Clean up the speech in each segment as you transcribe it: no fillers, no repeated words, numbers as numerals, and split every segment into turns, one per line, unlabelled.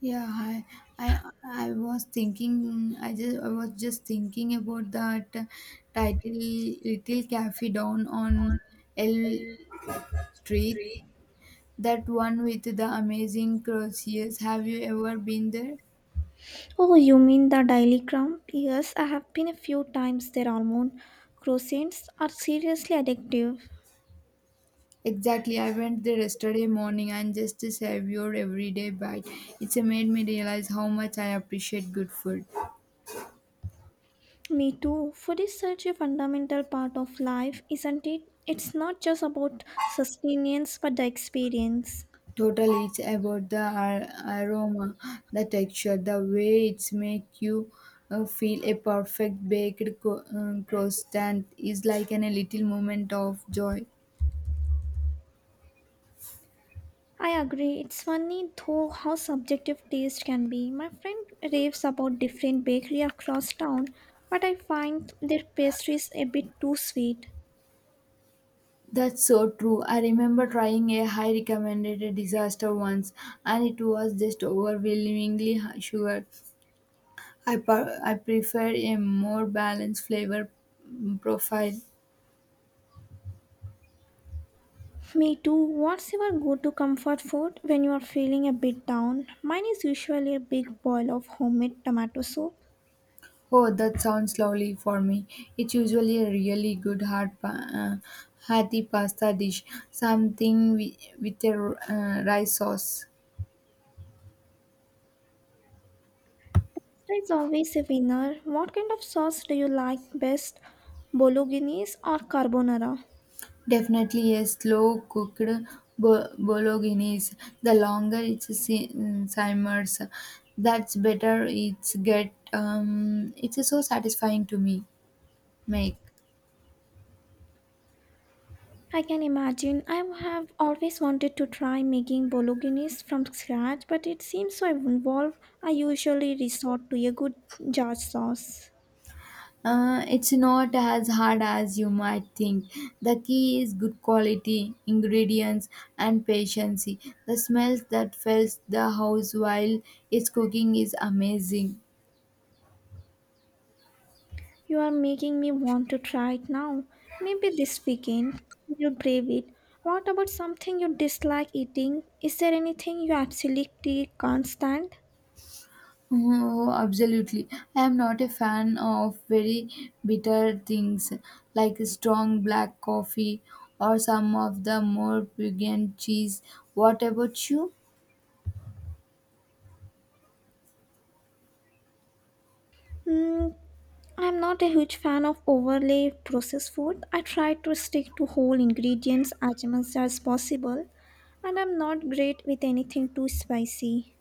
Yeah, I, I was thinking. I was just thinking about that title, Little Cafe Down on L Street. That one with the amazing croissants. Have you ever been there?
Oh, you mean the daily ground? Yes, I have been a few times there. Almond croissants are seriously addictive.
Exactly. I went there yesterday morning and just saved your everyday bite. It's made me realize how much I appreciate good food.
Me too. Food is such a fundamental part of life, isn't it? It's not just about sustenance but the experience.
Total, it's about the aroma, the texture, the way it's make you feel. A perfect baked croissant is like a little moment of joy.
I agree. It's funny though how subjective taste can be. My friend raves about different bakery across town, but I find their pastries a bit too sweet.
That's so true. I remember trying a high recommended disaster once, and it was just overwhelmingly sugar. I prefer a more balanced flavor profile.
Me too. What's your go to comfort food when you are feeling a bit down? Mine is usually a big bowl of homemade tomato soup.
Oh, that sounds lovely for me. It's usually a really good hearty pasta dish, something with a rice sauce.
It's always a winner. What kind of sauce do you like best? Bolognese or carbonara?
Definitely a slow cooked bolognese. The longer it simmers, that's better. It's so satisfying to me make.
I can imagine. I have always wanted to try making bolognese from scratch, but it seems so involved. I usually resort to a good jar sauce.
It's not as hard as you might think. The key is good quality, ingredients, and patience. The smells that fills the house while it's cooking is amazing.
You are making me want to try it now. Maybe this weekend you'll brave it. What about something you dislike eating? Is there anything you absolutely can't stand?
Oh, absolutely. I am not a fan of very bitter things like strong black coffee or some of the more pungent cheese. What about you?
Mm, I'm not a huge fan of overly processed food. I try to stick to whole ingredients as much as possible, and I'm not great with anything too spicy.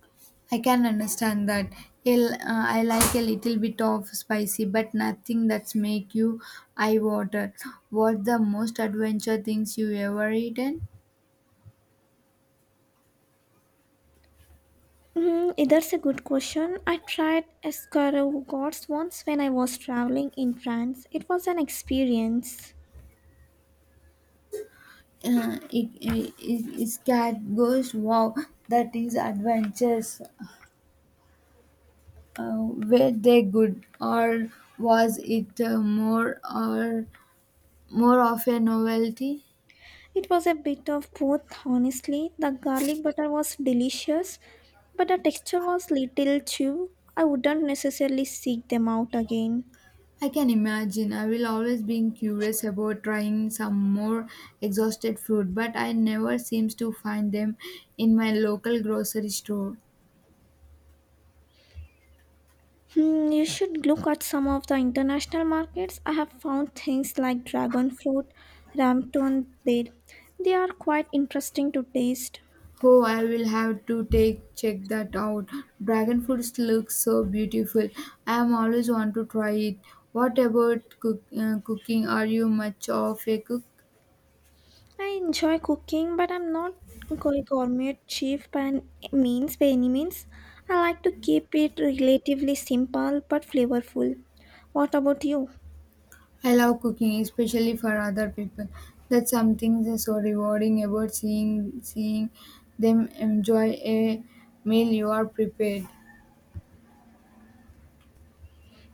I can understand that. I like a little bit of spicy, but nothing that's make you eye water. What the most adventure things you ever eaten?
That's a good question. I tried escargots once when I was traveling in France. It was an experience.
It's cat goes wow, that is adventures, uh, were they good or was it more of a novelty?
It was a bit of both, honestly. The garlic butter was delicious, but the texture was little too. I wouldn't necessarily seek them out again.
I can imagine. I will always be curious about trying some more exhausted food, but I never seems to find them in my local grocery store.
Hmm, you should look at some of the international markets. I have found things like dragon fruit, ramton there. They are quite interesting to taste.
Oh, I will have to take check that out. Dragon fruits look so beautiful. I am always want to try it. What about cooking? Are you much of a cook?
I enjoy cooking, but I'm not a gourmet chef by any means. By any means, I like to keep it relatively simple but flavorful. What about you?
I love cooking, especially for other people. That's something that's so rewarding about seeing them enjoy a meal you are prepared.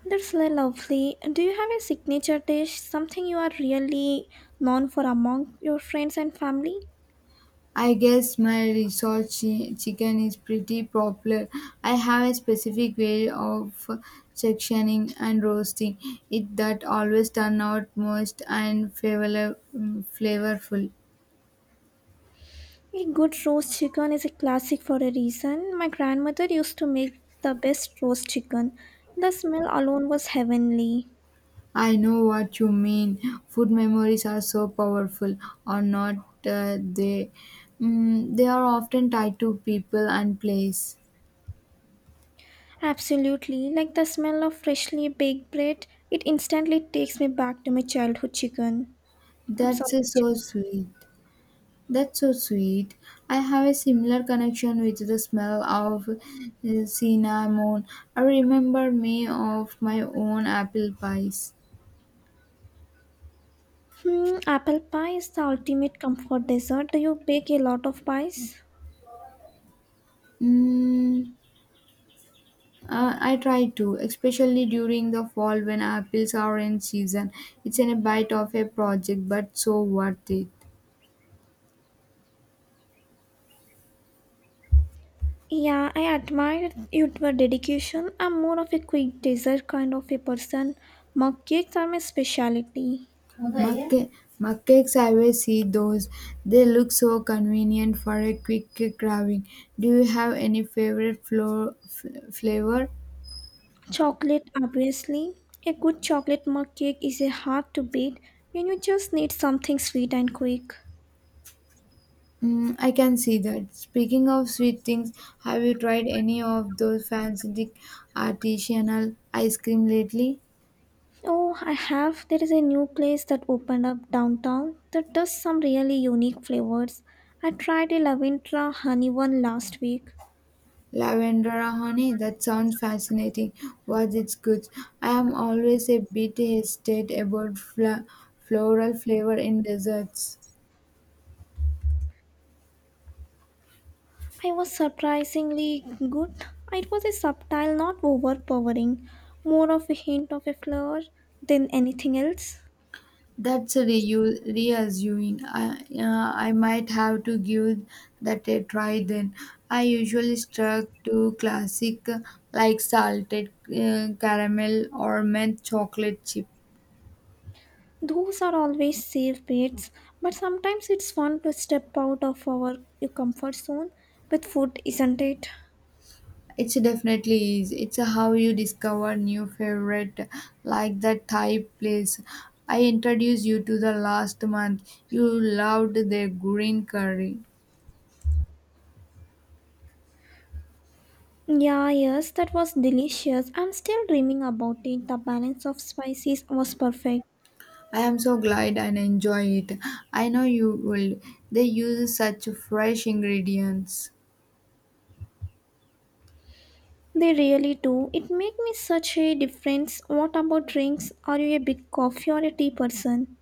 That's lovely. Do you have a signature dish, something you are really known for among your friends and family?
I guess my research chicken is pretty popular. I have a specific way of sectioning and roasting it that always turn out most and flavorful.
A good roast chicken is a classic for a reason. My grandmother used to make the best roast chicken. The smell alone was heavenly.
I know what you mean. Food memories are so powerful, or not they? They are often tied to people and place.
Absolutely. Like the smell of freshly baked bread, it instantly takes me back to my childhood chicken. I'm
That's
sorry.
so
Chicken.
sweet. That's so sweet. I have a similar connection with the smell of cinnamon. I remember me of my own apple pies.
Hmm, apple pie is the ultimate comfort dessert. Do you bake a lot of pies?
Mm, I try to, especially during the fall when apples are in season. It's in a bite of a project, but so worth it.
Yeah, I admire your dedication. I'm more of a quick dessert kind of a person. Mug cakes are my specialty.
Mug ca- mug cakes, I always see those. They look so convenient for a quick carving. Do you have any favorite flavor?
Chocolate, obviously. A good chocolate mug cake is a hard to beat when you just need something sweet and quick.
I can see that. Speaking of sweet things, have you tried any of those fancy artisanal ice cream lately?
Oh, I have. There is a new place that opened up downtown that does some really unique flavors. I tried a Lavendra honey one last week.
Lavender honey? That sounds fascinating. What's its good? I am always a bit hesitant about floral flavor in desserts.
I was surprisingly good. It was a subtle, not overpowering, more of a hint of a flower than anything else.
That's reassuring. I might have to give that a try then. I usually struck to classic like salted caramel or mint chocolate chip.
Those are always safe bets, but sometimes it's fun to step out of our comfort zone with food, isn't it?
It's definitely is. It's how you discover new favorite like the Thai place. I introduced you to the last month. You loved their green curry.
Yeah, yes, that was delicious. I'm still dreaming about it. The balance of spices was perfect.
I am so glad and enjoy it. I know you will. They use such fresh ingredients.
They really do. It made me such a difference. What about drinks? Are you a big coffee or a tea person?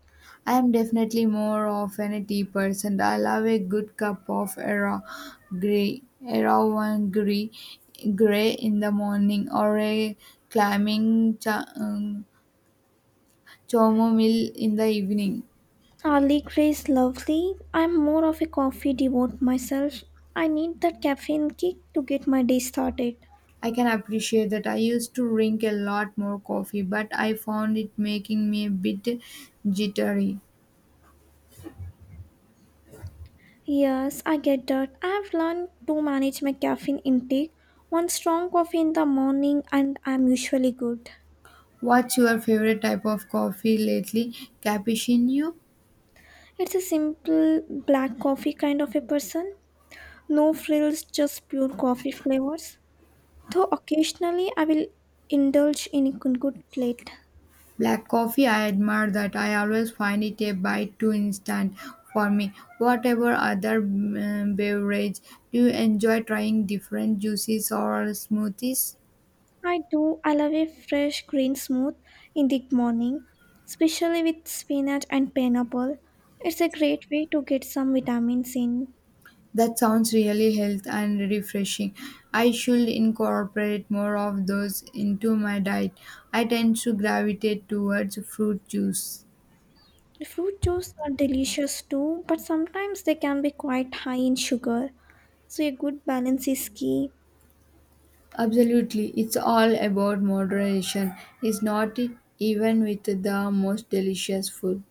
I am definitely more of an tea person. I love a good cup of era gray, era one gray, gray in the morning or a clamming. Chamomile in the evening.
Early grey is lovely. I'm more of a coffee devote myself. I need that caffeine kick to get my day started.
I can appreciate that. I used to drink a lot more coffee, but I found it making me a bit jittery.
Yes, I get that. I have learned to manage my caffeine intake. One strong coffee in the morning and I'm usually good.
What's your favorite type of coffee lately? Cappuccino?
It's a simple black coffee kind of a person. No frills, just pure coffee flavors. Though occasionally I will indulge in a good plate.
Black coffee? I admire that. I always find it a bite too instant for me. Whatever other beverage, do you enjoy trying different juices or smoothies?
I do. I love a fresh green smooth in the morning, especially with spinach and pineapple. It's a great way to get some vitamins in.
That sounds really healthy and refreshing. I should incorporate more of those into my diet. I tend to gravitate towards fruit juice.
Fruit juice are delicious too, but sometimes they can be quite high in sugar, so a good balance is key.
Absolutely, it's all about moderation. It's not even with the most delicious food.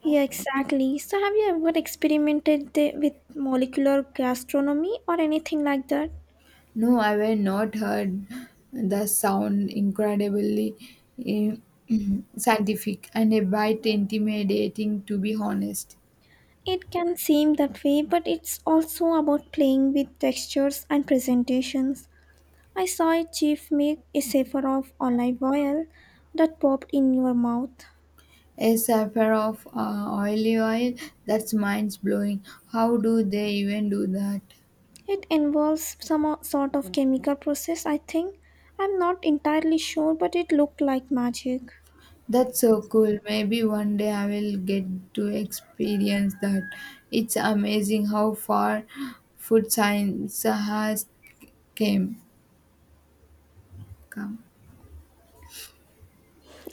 Yeah, exactly. So, have you ever experimented the, with molecular gastronomy or anything like that?
No, I have not heard the sound incredibly eh, scientific and a bit intimidating, to be honest.
It can seem that way, but it's also about playing with textures and presentations. I saw a chef make a safer of olive oil that popped in your mouth.
A sapphire of oily oil, that's mind blowing. How do they even do that?
It involves some sort of chemical process, I think. I'm not entirely sure, but it looked like magic.
That's so cool. Maybe one day I will get to experience that. It's amazing how far food science has came come.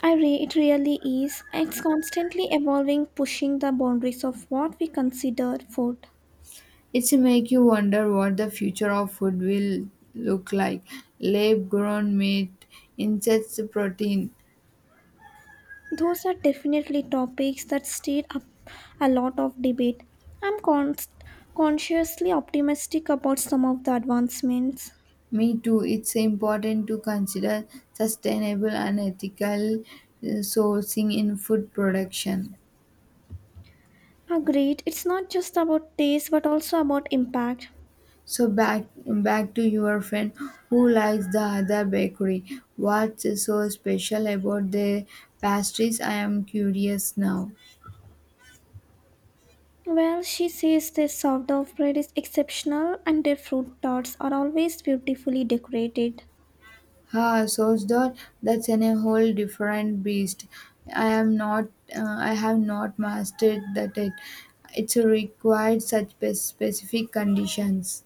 It really is. It's constantly evolving, pushing the boundaries of what we consider food.
It's make you wonder what the future of food will look like. Lab grown meat, insects protein.
Those are definitely topics that stir up a lot of debate. I'm con- consciously optimistic about some of the advancements.
Me too. It's important to consider sustainable and ethical sourcing in food production.
Agreed, it's not just about taste but also about impact.
So back to your friend who likes the other bakery. What's so special about the pastries? I am curious now.
Well, she says their sourdough bread is exceptional and their fruit tarts are always beautifully decorated.
Ah, sauce dot. That's a whole different beast. I am not. I have not mastered that. It. It's required such specific conditions.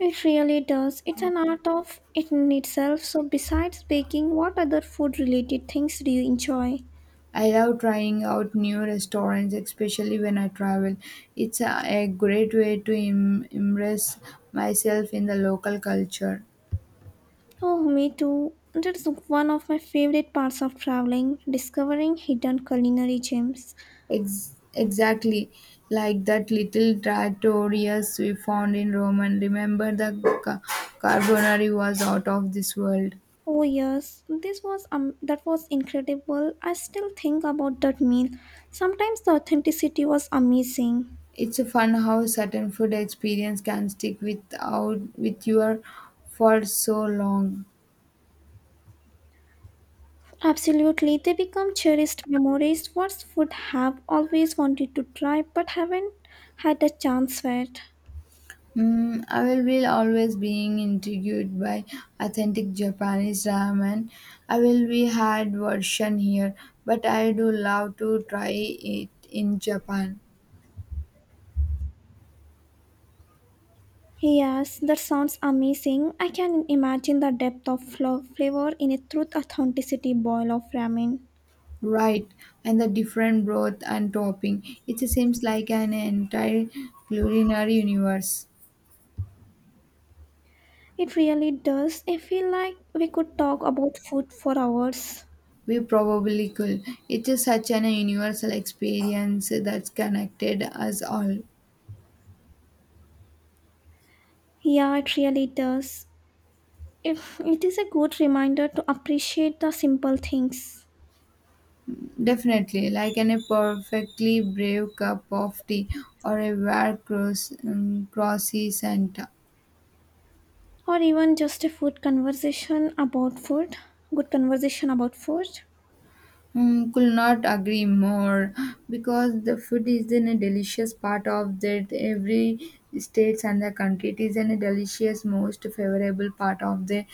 It really does. It's an art of it in itself. So besides baking, what other food related things do you enjoy?
I love trying out new restaurants, especially when I travel. It's a great way to immerse myself in the local culture.
Oh, me too. That's one of my favorite parts of traveling, discovering hidden culinary gems.
Exactly like that little trattorias we found in Rome, and remember the ca- carbonari was out of this world.
Oh yes, this was that was incredible. I still think about that meal. Sometimes the authenticity was amazing.
It's a fun how certain food experience can stick without with your for so long.
Absolutely, they become cherished memories. What food have always wanted to try but haven't had a chance yet.
I will be always being intrigued by authentic Japanese ramen. I will be had version here, but I do love to try it in Japan.
Yes, that sounds amazing. I can imagine the depth of flavor in a truth authenticity boil of ramen.
Right, and the different broth and topping. It seems like an entire culinary universe.
It really does. I feel like we could talk about food for hours.
We probably could. It is such an universal experience that's connected us all.
Yeah, it really does. If it is a good reminder to appreciate the simple things,
Definitely, like in a perfectly brave cup of tea or a rare crossy Santa.
or even just a food conversation about food. Good conversation about food.
Could not agree more because the food is in a delicious part of that every states and the country. It is in a delicious, most favorable part of the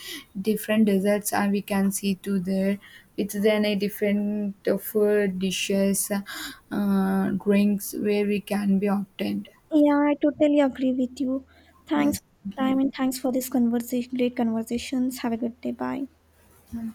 different desserts and we can see to there. It's then a different food dishes, drinks where we can be obtained.
Yeah, I totally agree with you. Thanks
Yes.
for your time and thanks for this conversation. Great conversations. Have a good day. Bye.
Okay.